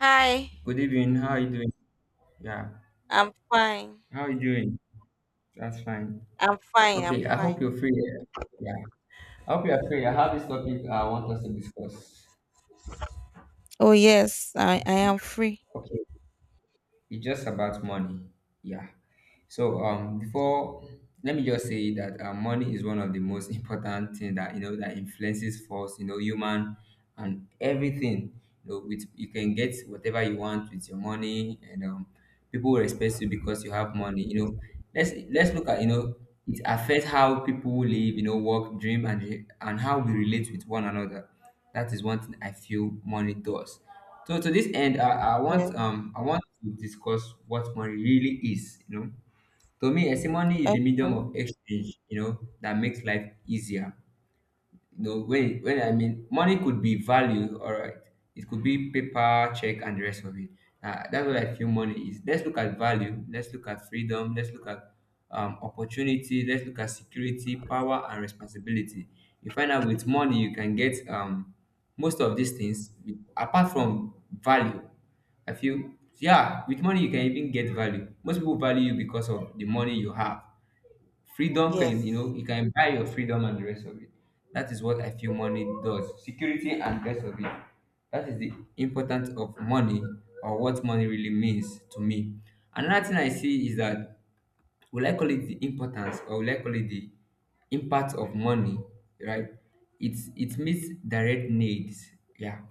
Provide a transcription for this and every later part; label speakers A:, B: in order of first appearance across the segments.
A: Hi.
B: Good evening. How are you doing? Yeah.
A: I'm fine.
B: How are you doing? That's fine.
A: I'm fine. I'm
B: Okay, I hope you're
A: fine.
B: free. Yeah. I hope you're free. I have this topic I want us to discuss.
A: Oh yes, I am free.
B: Okay. It's just about money. Yeah. So before let me just say that money is one of the most important thing that you know that influences us, you know, human and everything. You know, with you can get whatever you want with your money, and people will respect you because you have money. You know, let's look at you know it affects how people live, you know, work, dream, and how we relate with one another. That is one thing I feel money does. So to this end, I want
A: Yes.
B: I want to discuss what money really is. You know, to me, a testimony is
A: Okay.
B: the medium of exchange, you know, that makes life easier you know, when I mean money could be value, all right. It could be paper, check, and the rest of it. That's what I feel money is. Let's look at value. Let's look at freedom. Let's look at opportunity. Let's look at security, power, and responsibility. You find out with money you can get most of these things with, apart from value. I feel yeah, with money you can even get value. Most people value you because of the money you have. Freedom can, you know,
A: Yes.
B: you can buy your freedom and the rest of it. That is what I feel money does. Security and the rest of it. That is the importance of money or what money really means to me. Another thing I see is that will I call it the importance or will I call it the impact of money, right? It's it meets direct needs. Yeah.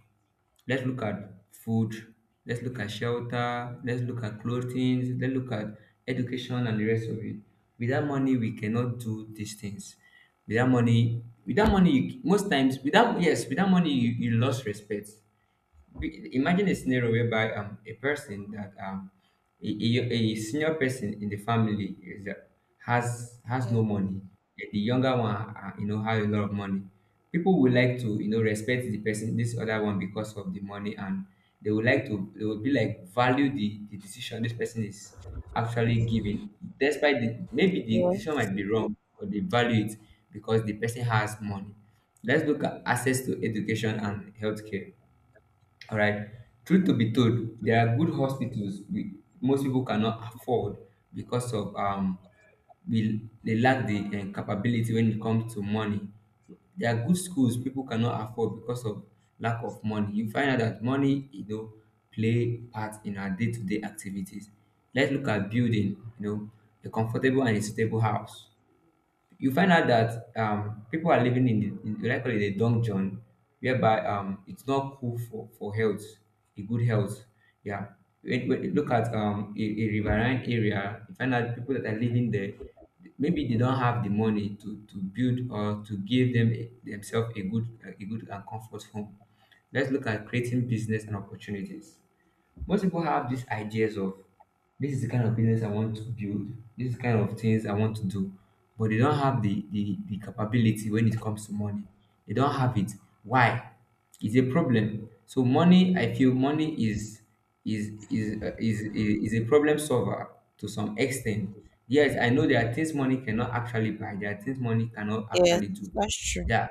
B: Let's look at food. Let's look at shelter. Let's look at clothing. Let's look at education and the rest of it. Without money, we cannot do these things. Without money, without money, you, most times, without yes, without money, you lost respect. Imagine a scenario whereby a person that a senior person in the family is has no
A: Yes.
B: money, and the younger one you know has a lot of money. People would like to you know respect the person this other one because of the money, and they would like to they would be like value the decision this person is actually giving, despite the maybe the decision
A: Yes.
B: might be wrong but they value it because the person has money. Let's look at access to education and healthcare, all right. Truth to be told, there are good hospitals we most people cannot afford because of we they lack the capability when it comes to money. There are good schools people cannot afford because of lack of money. You find out that money, you know, play part in our day-to-day activities. Let's look at building, you know, a comfortable and a suitable house. You find out that people are living in, the, in what I call it a dungeon, whereby it's not cool for health, a good health. Yeah. When you look at a riverine area, you find out people that are living there, maybe they don't have the money to build or to give them a, themselves a good and comfort home. Let's look at creating business and opportunities. Most people have these ideas of this is the kind of business I want to build, this is the kind of things I want to do, but they don't have the capability when it comes to money. They don't have it. Why? It's a problem. So money, I feel money is is a problem solver to some extent. Yes, I know there are things money cannot actually buy. There are things money cannot
A: Yes.
B: actually do.
A: That's true.
B: Yeah.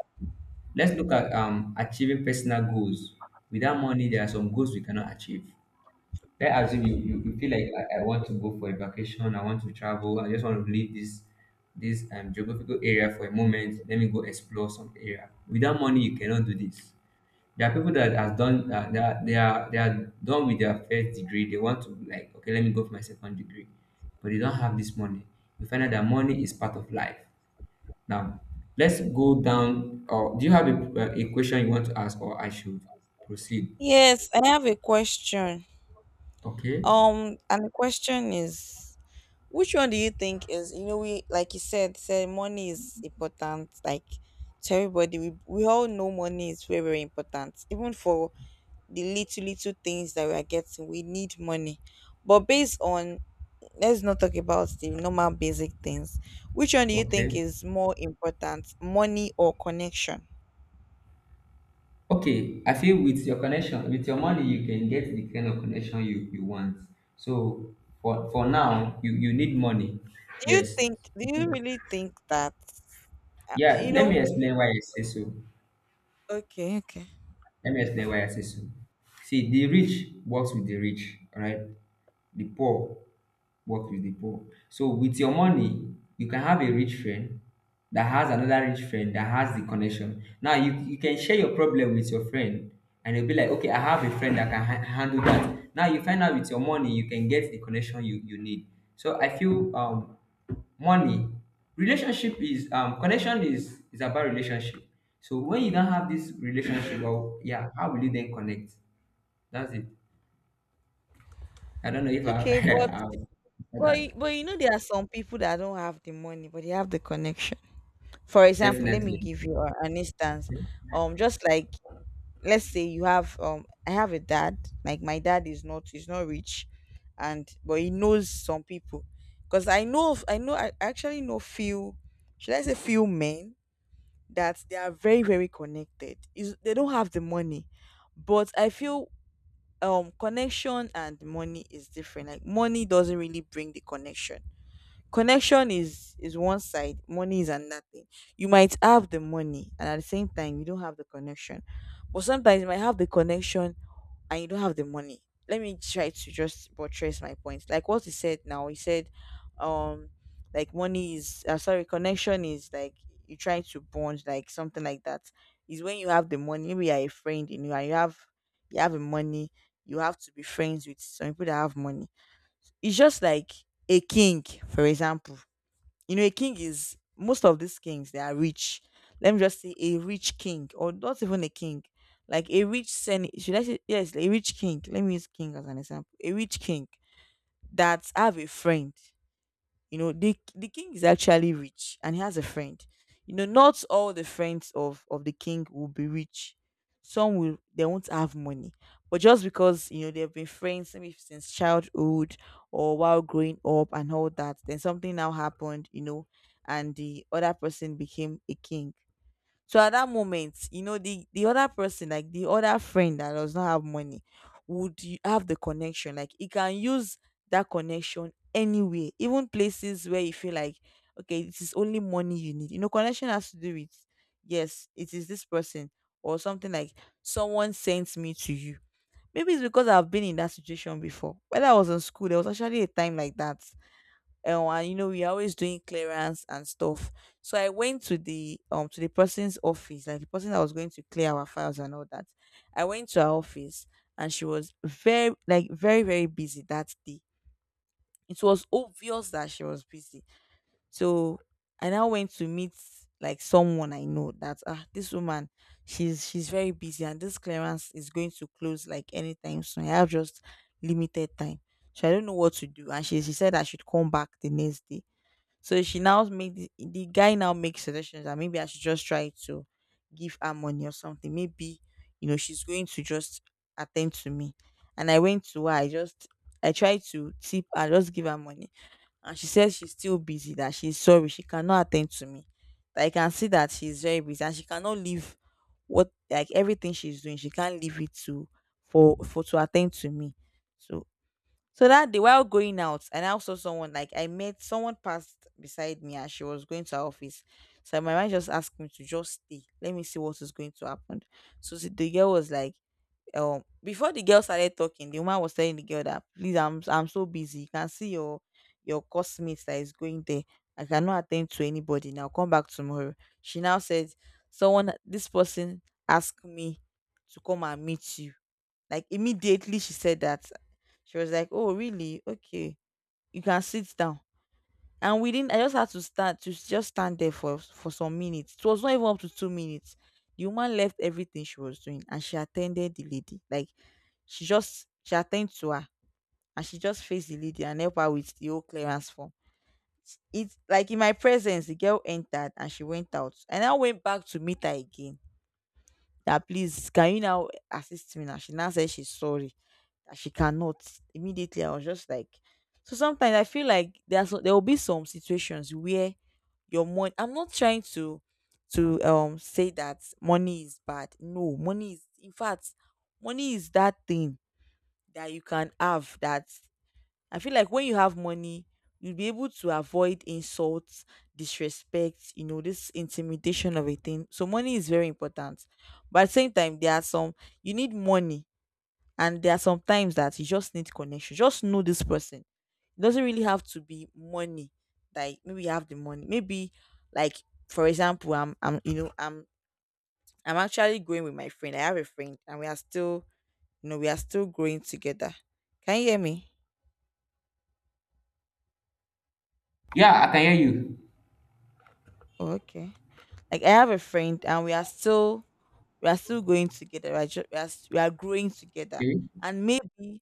B: Let's look at achieving personal goals. Without money, there are some goals we cannot achieve. Let's assume you feel like I want to go for a vacation, I want to travel, I just want to leave this this geographical area for a moment. Let me go explore some area. Without money, you cannot do this. There are people that has done they are done with their first degree. They want to like okay, let me go for my second degree, but they don't have this money. You find out that money is part of life. Now let's go down. Or do you have a question you want to ask, or I should proceed?
A: Yes, I have a question.
B: Okay,
A: And the question is, which one do you think is we, like you said, money is important, like to everybody. We all know money is very, very important, even for the little things that we are getting. We need money. But based on, let's not talk about the normal basic things. Which one do you think
B: okay.
A: is more important, money or connection?
B: Okay, I feel with your connection, with your money, you can get the kind of connection you want. So for now, you need money.
A: Do you
B: Yes.
A: think, do you really think that, uh,
B: Yeah,
A: you
B: let me
A: know,
B: explain why I say so.
A: okay, okay,
B: Let me explain why I say so. See, the rich works with the rich, all right? The poor work with the poor. So with your money, you can have a rich friend that has another rich friend that has the connection. Now you can share your problem with your friend and you'll be like, okay, I have a friend that can handle that. Now you find out with your money, you can get the connection you need. So I feel money, relationship is connection is about relationship. So when you don't have this relationship,
A: yes.
B: well, yeah, how will you then connect? That's it. I don't know if
A: Okay, but,
B: I've said that.
A: but you know, there are some people that don't have the money, but they have the connection. For example, let me
B: Definitely.
A: give you an instance. Just like, let's say you have, I have a dad. Like my dad is not, he's not rich, and but he knows some people. Because I know, I actually know few, should I say few men, that they are very, very connected, is they don't have the money. But I feel, connection and money is different. Like money doesn't really bring the connection. Connection is one side, money is another thing. You might have the money and at the same time you don't have the connection, but sometimes you might have the connection and you don't have the money. Let me try to just buttress my point. Like what he said, now he said, um like money is sorry, connection is like you try to bond, like something like that. Is when you have the money, maybe you're a friend, and you have, you have the money. You have to be friends with some people that have money. It's just like a king, for example. You know, a king is, most of these kings, they are rich. Let me just say a rich king, or not even a king, like a rich senate. Should I say, yes, a rich king? Let me use king as an example. A rich king that have a friend. You know, the king is actually rich and he has a friend. You know, not all the friends of the king will be rich. Some will, they won't have money. But just because, you know, they've been friends maybe since childhood or while growing up and all that, then something now happened, you know, and the other person became a king. So at that moment, you know, the other person, like the other friend that does not have money, would have the connection. Like he can use that connection anywhere, even places where you feel like, okay, it is only money you need. You know, connection has to do with, yes, it is this person, or something like someone sends me to you. Maybe it's because I've been in that situation before. When I was in school, there was actually a time like that. And you know, we are always doing clearance and stuff. So I went to the person's office, like the person that was going to clear our files and all that. I went to her office, and she was very like very, very busy that day. It was obvious that she was busy. So I now went to meet, like someone I know, that ah, this woman, she's very busy, and this clearance is going to close like anytime soon. I have just limited time. So I don't know what to do. And she said I should come back the next day. So she now made, the guy now makes suggestions that maybe I should just try to give her money or something. Maybe you know she's going to just attend to me. And I went to her. I tried to tip. I just give her money, and she says she's still busy. That she's sorry. She cannot attend to me. That I can see that she's very busy, and she cannot leave what, like everything she's doing. She can't leave it to, for to attend to me. So so that day, while going out, and I also, someone, like I met someone passed beside me, and she was going to her office. So my mind just asked me to just stay. Let me see what is going to happen. So the girl was like, before the girl started talking, the woman was telling the girl that, please, I'm so busy. You can see your classmates that is going there. I cannot attend to anybody now. Come back tomorrow. She now said, someone, this person asked me to come and meet you. Like immediately she said that, she was like, oh, really? Okay. You can sit down. And we didn't I just had to stand, to just stand there for some minutes. It was not even up to 2 minutes. The woman left everything she was doing and she attended the lady. Like she attended to her, and she just faced the lady and helped her with the whole clearance form. It's like in my presence, the girl entered and she went out. And I now went back to meet her again. That please, can you now assist me now? She now said she's sorry that she cannot immediately. I was just like, so sometimes I feel like there's so, there will be some situations where your money, I'm not trying to, say that money is bad. No, money is in fact, money is that thing that you can have. That I feel like when you have money, you'll be able to avoid insults, disrespect. You know, this intimidation of a thing. So money is very important, but at the same time, there are some, you need money, and there are some times that you just need connection. Just know this person. It doesn't really have to be money. Like maybe you have the money. Maybe like, for example, I'm you know, I'm actually growing with my friend. I have a friend and we are still, you know, we are still growing together. Can you hear me?
B: Yeah, I can hear you.
A: Oh, okay. Like I have a friend and we are still, we are still going together. Right? We are, we are we are growing together.
B: Okay,
A: And maybe,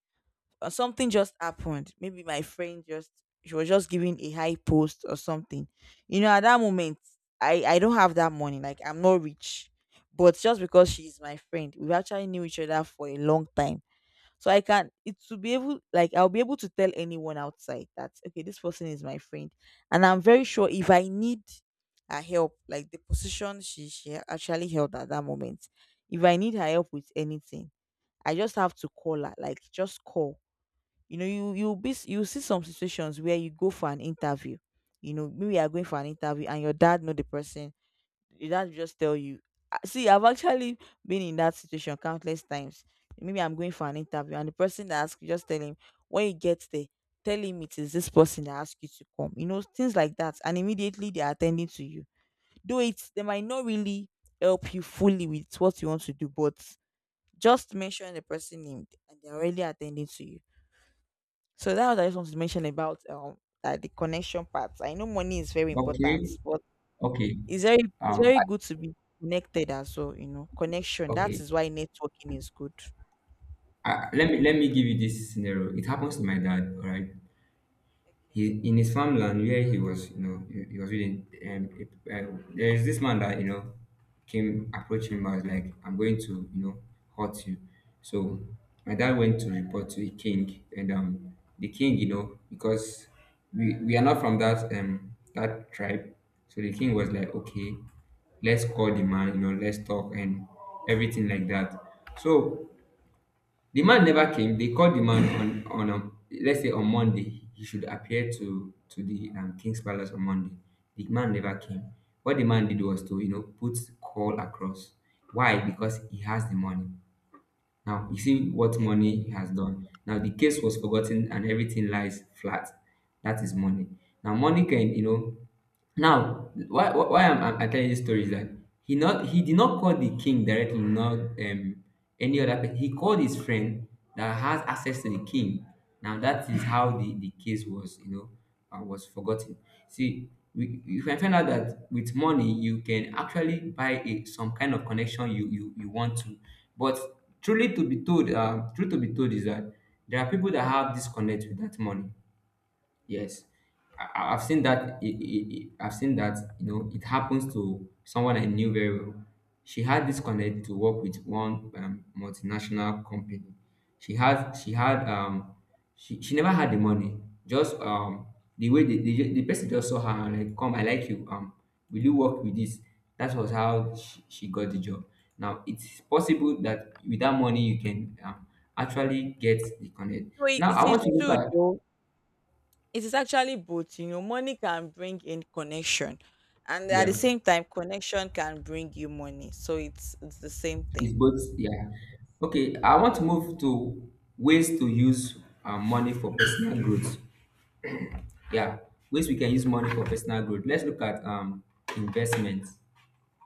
A: or something just happened. Maybe my friend just, she was just giving a high post or something. You know, at that moment, I don't have that money. Like I'm not rich, but just because she's my friend, we actually knew each other for a long time. So I can it, to be able, like I'll be able to tell anyone outside that, okay, this person is my friend, and I'm very sure if I need her help, like the position she actually held at that moment, if I need her help with anything, I just have to call her. Like just call, you know, you be, you see some situations where you go for an interview. You know, maybe you are going for an interview and your dad know the person. Your dad will just tell you, "Ah, see, I've actually been in that situation countless times." Maybe I'm going for an interview and the person that asks you just tell him, when you get there, tell him it is this person that asked you to come. You know, things like that, and immediately they are attending to you. Though it, they might not really help you fully with what you want to do, but just mention the person name and they're already attending to you. So that's what I just want to mention about, that the connection part. I know money is very
B: okay,
A: important, but
B: okay.
A: it's very, it's
B: Um,
A: very
B: I,
A: good to be connected as well. You know, connection. That
B: okay.
A: is why networking is good.
B: Let me give you this scenario. It happens to my dad. All right.
A: Okay.
B: He in his farmland where he was, you know, he was reading. There is this man that you know came approached him and was like, "I'm going to, you know, hurt you." So my dad went to report to the king, and the king, you know, because we are not from that that tribe, so the king was like, "Okay, let's call the man, you know, let's talk and everything like that." So the man never came. They called the man on us say on Monday he should appear to the king's palace on Monday. The man never came. What the man did was to you know put call across. Why? Because he has the money. Now you see what money he has done. Now the case was forgotten and everything lies flat. That is money. Now money can you know now, why I'm telling this story is that he not he did not call the king directly, not any other person. He called his friend that has access to the king. Now that is how the case was, you know, was forgotten. See, we you can find out that with money you can actually buy a, some kind of connection you want to. But truly to be told, truth to be told is that there are people that have disconnect with that money. Yes, I've seen that. I've seen that. You know, it happens to someone I knew very well. She had this connect to work with one multinational company. She had. She had. She never had the money. Just the way the person just saw her and like, come, I like you. Will you work with this? That was how she got the job. Now it's possible that with that money you can actually get the connect.
A: So it,
B: Now
A: it
B: I want
A: is
B: to look
A: true
B: at
A: though. It is actually both. You know, money can bring in connection, and at the
B: yeah.
A: same time, connection can bring you money. So it's the same
B: It's
A: thing.
B: both, yeah. Okay, I want to move to ways to use money for personal growth. Yeah, ways we can use money for personal growth. Let's look at investment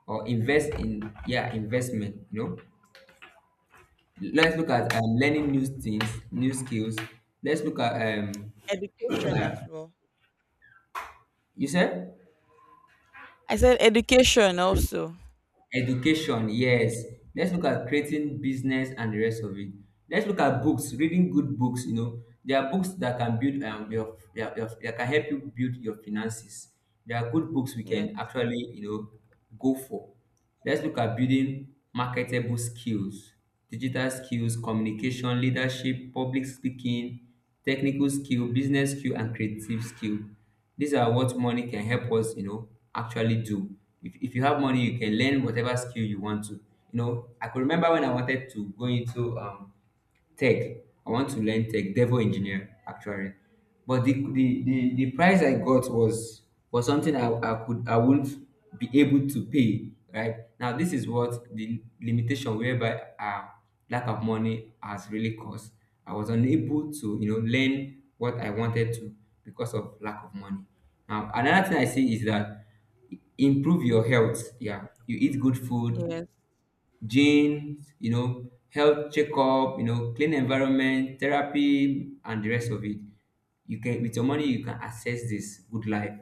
B: or invest in yeah investment. You know, let's look at learning new things, new skills. Let's look at
A: Education as
B: yeah.
A: well.
B: You said.
A: I said education also.
B: Education, yes. Let's look at creating business and the rest of it. Let's look at books, reading good books. You know, there are books that can build your that can help you build your finances. There are good books we
A: Yeah.
B: can actually you know go for. Let's look at building marketable skills, digital skills, communication, leadership, public speaking, technical skill, business skill, and creative skill. These are what money can help us, you know, actually do. If you have money, you can learn whatever skill you want to. You know, I could remember when I wanted to go into tech. I want to learn tech, devil engineer actually. But the price I got was something I wouldn't be able to pay. Right now, this is what the limitation whereby lack of money has really caused. I was unable to learn what I wanted to because of lack of money. Now another thing I see is that improve your health. Yeah, you eat good food,
A: Yes.
B: genes, you know, health checkup, you know, clean environment, therapy, and the rest of it. You can with your money you can access this good life.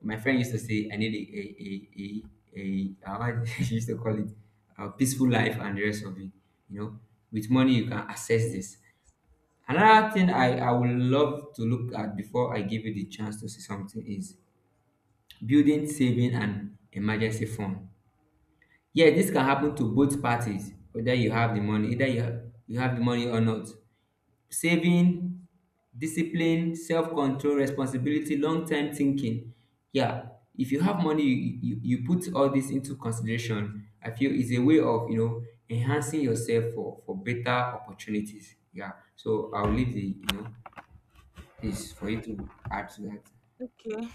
B: My friend used to say, I need a how he used to call it a peaceful life and the rest of it. You know, with money you can access this. Another thing I would love to look at before I give you the chance to say something is building saving and emergency fund. Yeah, this can happen to both parties, whether you have the money, either you have the money or not. Saving, discipline, self-control, responsibility, long-term thinking. Yeah, if you have money, you put all this into consideration. I feel it's a way of, you know, enhancing yourself for better opportunities. Yeah. So I'll leave the, you know, this for you to add to that.
A: Okay.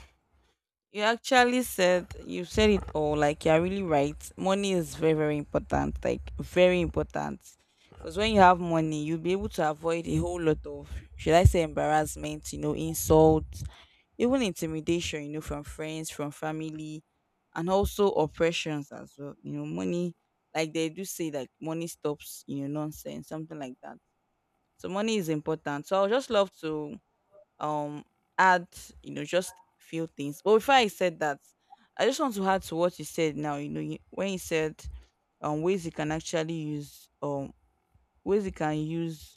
A: You actually said, you said it all. Like you're really right. Money is very, very important. Like very important. Because when you have money, you'll be able to avoid a whole lot of, should I say embarrassment, you know, insults, even intimidation, you know, from friends, from family, and also oppressions as well. You know, money, like they do say, like money stops, you know, nonsense, something like that. So money is important. So I would just love to um add just few things, but before I said that, I just want to add to what you said now. You know, when you said ways you can actually use ways you can use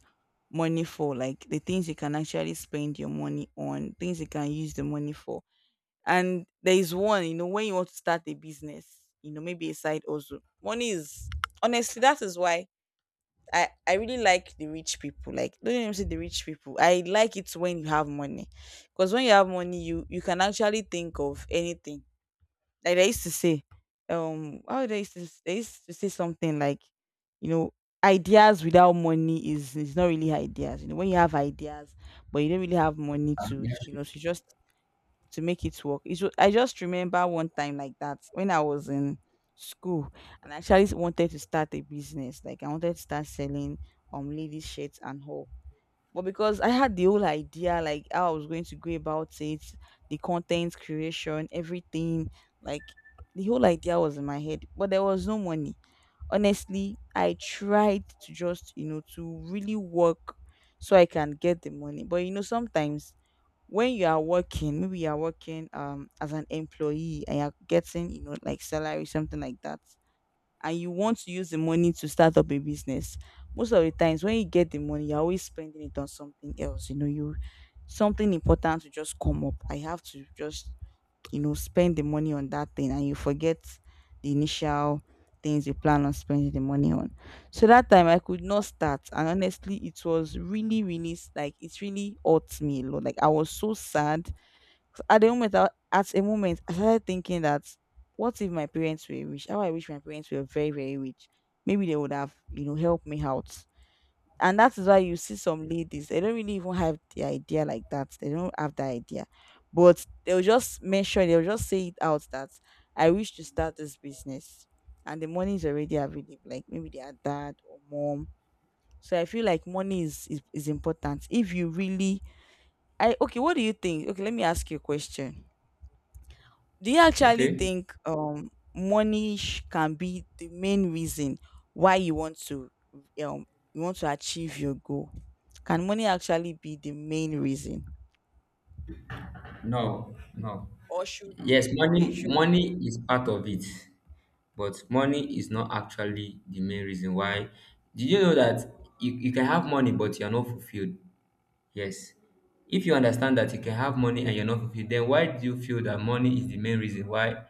A: money for, like the things you can actually spend your money on, things you can use the money for. And there is one, you know, when you want to start a business, you know, maybe a side, also money is honestly that is why I really like the rich people. Like, don't even say the rich people. I like it when you have money, because when you have money, you can actually think of anything. Like they used to say, how they used to say something like, you know, ideas without money is not really ideas. You know, when you have ideas, but you don't really have money to,
B: Yeah,
A: you know, to just to make it work. I just remember one time like that when I was in school, and I actually wanted to start a business. Like I wanted to start selling ladies shirts and all. But because I had the whole idea, like how I was going to go about it, the content creation, everything, like, the whole idea was in my head. But there was no money. Honestly, I tried to just, you know, to really work so I can get the money. But you know, sometimes when you are working, maybe you are working as an employee and you're getting, you know, like salary, something like that, and you want to use the money to start up a business, most of the times when you get the money, you're always spending it on something else. You know, you something important to just come up. I have to just, you know, spend the money on that thing, and you forget the initial things you plan on spending the money on. So that time I could not start, and honestly it was really like, it really hurt me a lot. Like, I was so sad. 'Cause at the moment at a moment I started thinking that, what if my parents were rich? How I wish my parents were very very rich. Maybe they would have, you know, helped me out. And that is why you see some ladies, they don't really even have the idea. Like, that they don't have the idea, but they'll just mention, they'll just say it out that, I wish to start this business, and the money is already available, like maybe they are dad or mom. So I feel like money is important if you really I okay, what do you think? Okay, let me ask you a question. Do you
B: sure.
A: actually
B: Okay.
A: think money can be the main reason why um you want to achieve your goal? Can money actually be the main reason?
B: No, no.
A: Or should
B: Yes,
A: okay, should
B: money is part of it. But money is not actually the main reason why. Did you know that you can have money but you're not fulfilled? Yes. If you understand that you can have money and you're not fulfilled, then why do you feel that money is the main reason why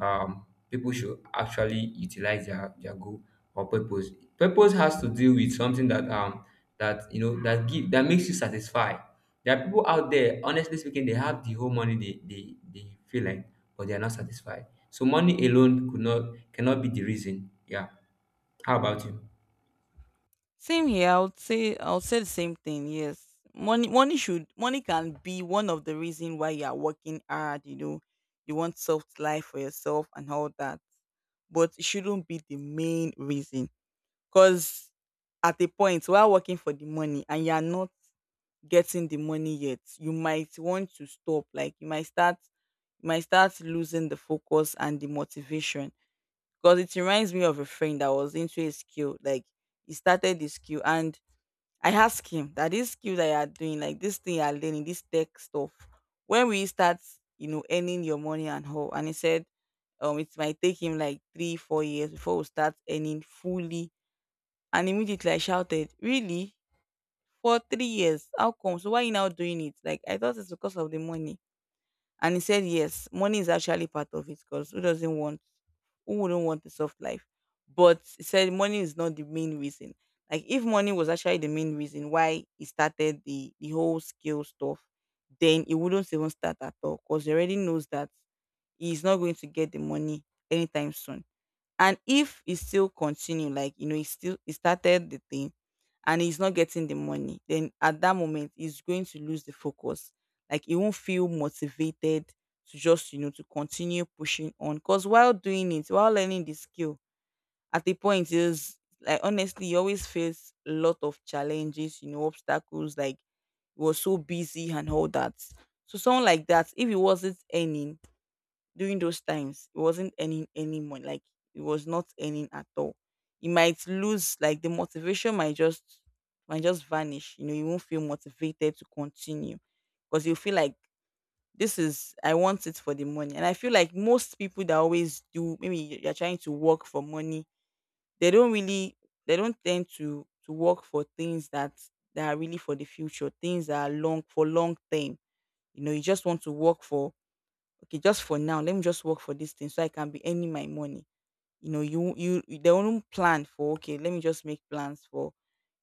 B: people should actually utilize their goal or purpose? Purpose has to do with something that you know that give that makes you satisfied. There are people out there, honestly speaking, they have the whole money they feel like, but they are not satisfied. So money alone could not cannot be the reason. Yeah. How about you?
A: same here, I would say the same thing, yes. Money can be one of the reason why you are working hard, you know, you want soft life for yourself and all that. But it shouldn't be the main reason. Because at a point, while working for the money and you are not getting the money yet, you might want to stop. Like you might start, you might start losing the focus and the motivation, because it reminds me of a friend that was into a skill. Like he started the skill, and I asked him that, this skill that you are doing, like this thing you are learning, this tech stuff, when will you start, you know, earning your money and how? And he said, it might take him like three, 4 years before we start earning fully. And immediately I shouted, really? For 3 years? How come? So why you now doing it? Like I thought it's because of the money. And he said, yes, money is actually part of it, because who doesn't want who wouldn't want a soft life? But he said money is not the main reason. Like, if money was actually the main reason why he started the whole skill stuff, then he wouldn't even start at all, because he already knows that he's not going to get the money anytime soon. And if he still continue, like you know, he started the thing and he's not getting the money, then at that moment he's going to lose the focus. Like, he won't feel motivated to just, you know, to continue pushing on. Cause while doing it, while learning the skill, at the point is like, honestly, he always faced a lot of challenges, you know, obstacles. Like he was so busy and all that. So someone like that, if he wasn't earning during those times, it wasn't earning any money, like it was not earning at all. You might lose, like, the motivation might just, might just vanish. You know, you won't feel motivated to continue, because you feel like, this is I want it for the money. And I feel like most people that always do, maybe you're trying to work for money, they don't really, they don't tend to work for things that, that are really for the future, things that are long for long term. You know, you just want to work for, okay, just for now, let me just work for this thing so I can be earning my money. You know, you they won't plan for, okay, let me just make plans for,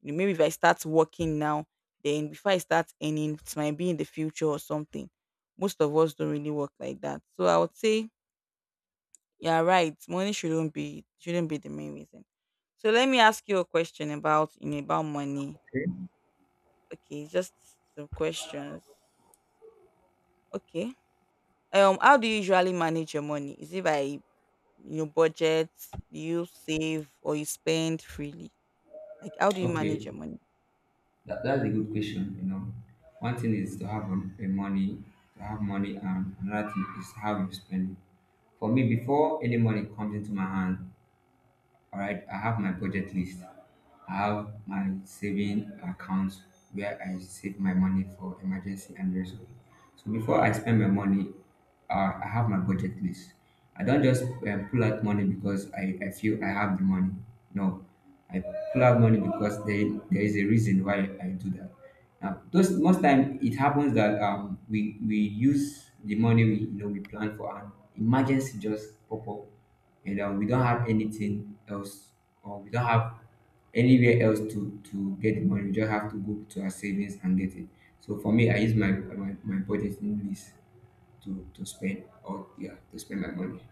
A: you know, maybe if I start working now, then before I start earning, it might be in the future or something. Most of us don't really work like that. So I would say, yeah, right. Money shouldn't be the main reason. So let me ask you a question about, you know, about money.
B: Okay.
A: Okay, just some questions. Okay. How do you usually manage your money? Is it by you budget, you save, or you spend freely? Like, how do you manage
B: Okay.
A: your money?
B: That's a good question. You know, one thing is to have a money, to have money, and another thing is how you spend it. For me, before any money comes into my hand, all right, I have my budget list. I have my saving accounts where I save my money for emergency and the rest of it. So before I spend my money, I have my budget list. I don't just pull out money because I feel I have the money. No, I pull out money because there is a reason why I do that. Now, those most time it happens that we use the money we you know we plan for, an emergency just pop up, and we don't have anything else or we don't have anywhere else to get the money. We just have to go to our savings and get it. So for me, I use my budgeting list to spend, or yeah, to spend my money.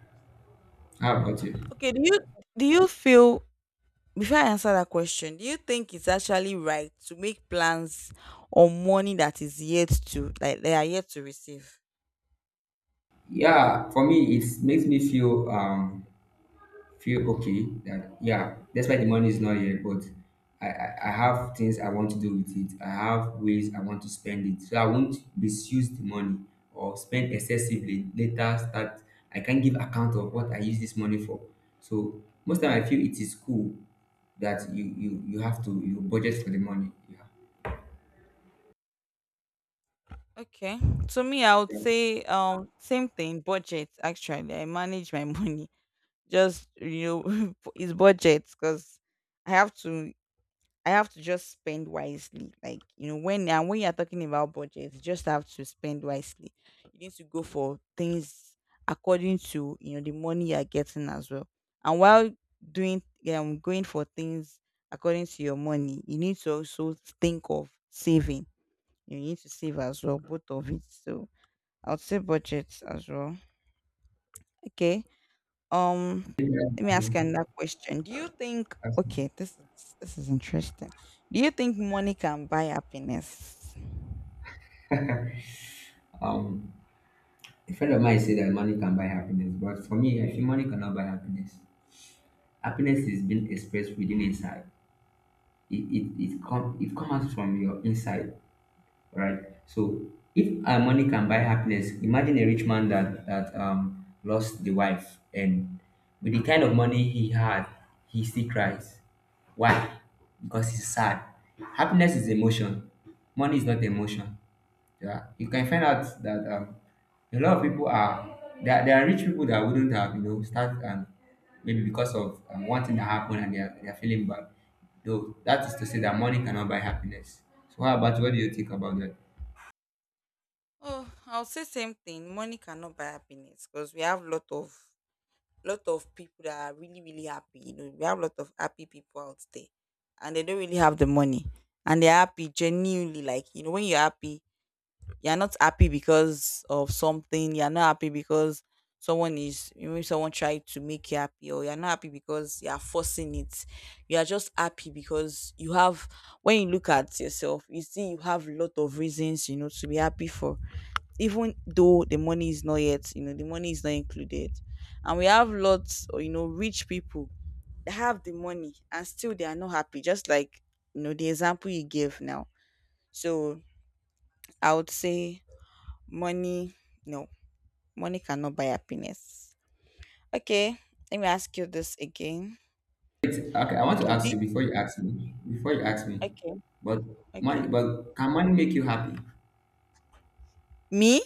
B: How about you?
A: Okay, do you feel, before I answer that question, do you think it's actually right to make plans on money that is yet to, like they are yet to receive?
B: Yeah, for me it makes me feel feel okay, that yeah, despite the money is not here, but I have things I want to do with it. I have ways I want to spend it, so I won't misuse the money or spend excessively later, start I can't give account of what I use this money for. So most time I feel it is cool that you have to, you budget for the money. Yeah.
A: Okay. To me, I would
B: Yeah,
A: say same thing, budget actually. I manage my money. Just, you know, it's budget because I have to I have to just spend wisely. Like, you know, when you're talking about budget, you just have to spend wisely. You need to go for things according to, you know, the money you're getting as well. And while doing going for things according to your money, you need to also think of saving. You need to save as well, both of it. So I would say budget as well. Okay. Um, let me
B: yeah.
A: ask you another question. Do you think,
B: That's fine.
A: okay, this is interesting. Do you think money can buy happiness?
B: um a friend of mine said that money can buy happiness, but for me I feel money cannot buy happiness. Happiness is being expressed within inside. It come out from your inside, right? So if money can buy happiness, imagine a rich man that lost the wife, and with the kind of money he had, he still cries. Why? Because he's sad. Happiness is emotion. Money is not emotion. Yeah, you can find out that a lot of people are there, there are rich people that wouldn't have you know start, and maybe because of one thing that happened, and they are feeling bad. Though that is to say that money cannot buy happiness. So how about, what do you think about that?
A: Oh, I'll say same thing. Money cannot buy happiness because we have lot of people that are really really happy. You know, we have lot of happy people out there, and they don't really have the money, and they're happy genuinely. Like, you know, when you're happy, you're not happy because of something. You're not happy because someone is, maybe someone tried to make you happy, or you're not happy because you are forcing it. You are just happy because you have. When you look at yourself, you see you have a lot of reasons, you know, to be happy for. Even though the money is not yet, you know, the money is not included, and we have lots, or you know, rich people, they have the money and still they are not happy, just like, you know, the example you gave now. So I would say money, no, money cannot buy happiness. Okay, let me ask you this again.
B: It's, okay, I want to
A: Okay,
B: ask you
A: the,
B: before you ask me. Before you ask me,
A: okay,
B: but money,
A: okay.
B: but can money make you happy?
A: Me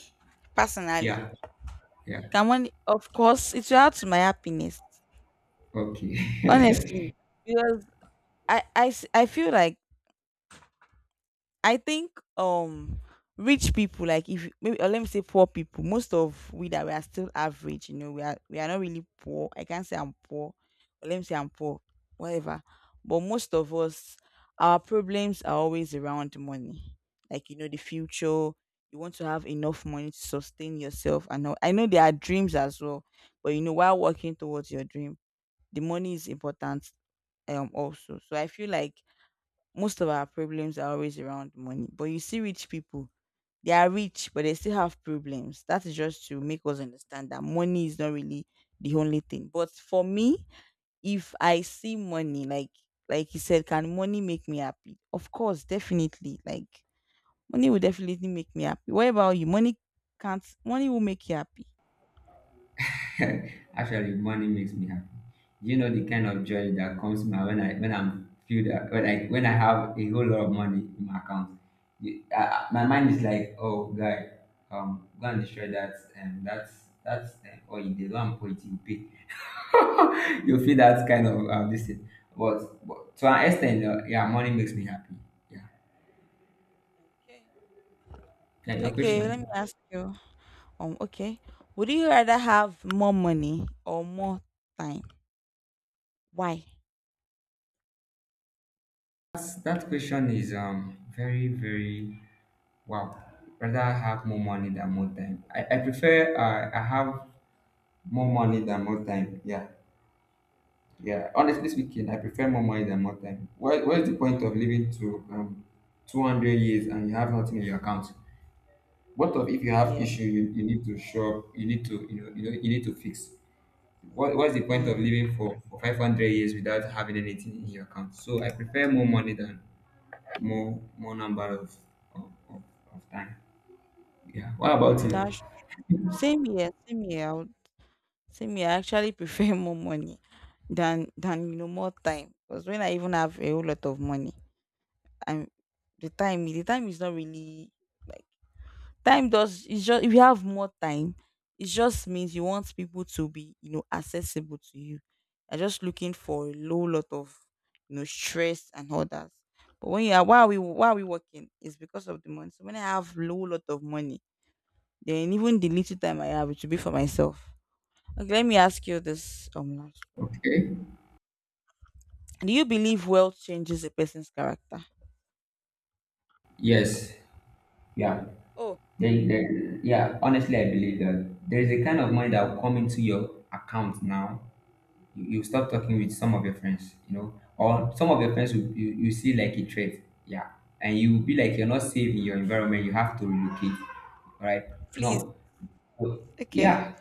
A: personally,
B: Yeah, yeah.
A: can money? Of course, it will add to my happiness.
B: Okay.
A: Honestly, because I feel like I think rich people, like if you- maybe, or let me say poor people, most of we that we are still average, you know, we are not really poor. I can't say I'm poor, or let me say I'm poor, whatever. But most of us, our problems are always around money. Like, you know, the future, you want to have enough money to sustain yourself and all. I know there are dreams as well, but you know, while working towards your dream, the money is important. Also, so I feel like most of our problems are always around money. But you see rich people, they are rich, but they still have problems. That is just to make us understand that money is not really the only thing. But for me, if I see money, like you said, can money make me happy? Of course, definitely. Like, money will definitely make me happy. What about you? Money can't money will make you happy.
B: Actually, money makes me happy. You know the kind of joy that comes my when I'm feel that when I have a whole lot of money in my account. You, my mind is like, oh guy, go and destroy that, and that's or you did go and put it in pay. You feel that kind of this thing. But to an extent, yeah, money makes me happy. Yeah.
A: Okay.
B: Yeah, your
A: Okay, let me
B: question.
A: ask you. Okay, would you rather have more money or more time? Why?
B: That question is very very wow, rather have more money than more time. I prefer I have more money than more time. Yeah, yeah. Honestly speaking, I prefer more money than more time. What What's the point of living to 200 years and you have nothing in your account? What of if you have
A: Yeah,
B: issue you need to shop, you need to you need to fix. What What's the point of
A: yeah.
B: living for 500 years without having anything in your account? So I prefer more money than more number of, of, of time. Yeah. What about you?
A: That's same here, same here. I would, same here. I actually prefer more money than you know more time. Because when I even have a whole lot of money, I'm the time is not really, like, time does, it's just, if you have more time, it just means you want people to be, you know, accessible to you. You're just looking for a low lot of, you know, stress and others. But when you are, why are we working? It's because of the money. So when I have low lot of money, then even the little time I have, it should be for myself. Okay, let me ask you this,
B: Okay.
A: do you believe wealth changes a person's character?
B: Yes. Yeah.
A: Oh,
B: Then yeah, honestly, I believe that there is a kind of money that will come into your account now. You stop talking with some of your friends, you know, or some of your friends will, you see like a threat. Yeah. And you will be like, you're not safe in your environment. You have to relocate. All right.
A: please.
B: No.
A: Okay.
B: Yeah.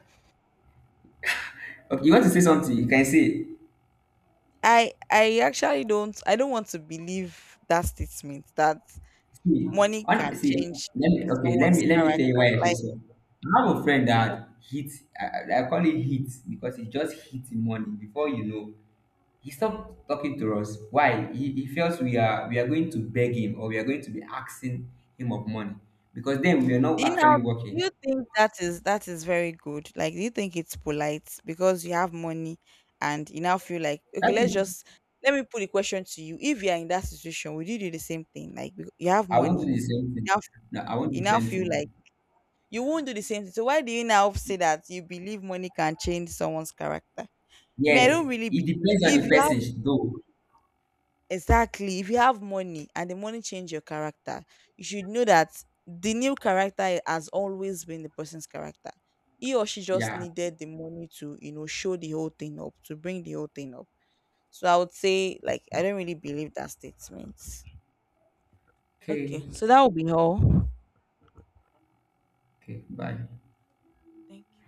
B: Okay. You want to say something? You can say it.
A: I actually don't, I don't want to believe that statement that
B: See,
A: money can
B: on see,
A: change
B: let me okay, let me
A: someone's
B: tell
A: character.
B: you why I say
A: Like,
B: so. I have a friend that hits I call it hits because he just hits him money before you know. He stopped talking to us. Why? He feels we are going to beg him or we are going to be asking him of money. Because then we are not
A: do you
B: actually
A: know,
B: working.
A: do you think that is very good? Like, do you think it's polite because you have money and you now feel like, okay,
B: That is
A: let's just let me put the question to you. If you are in that situation, would you do the same thing? Like, you have
B: I want to
A: money,
B: do the same thing.
A: now
B: No, I want not do
A: you
B: the
A: now
B: same
A: feel
B: thing.
A: like you won't do the same thing. So why do you now say that you believe money can change someone's character? Me, I
B: Yes,
A: don't really
B: it
A: believe.
B: depends on
A: If
B: the
A: you have,
B: person though.
A: exactly, if you have money and the money change your character, you should know that the new character has always been the person's character. He or she just
B: Yeah.
A: needed the money to, you know, show the whole thing up, to bring the whole thing up. So I would say, like, I don't really believe that statement. Okay,
B: Okay.
A: so that would be all.
B: Okay. Bye.
A: Thank you.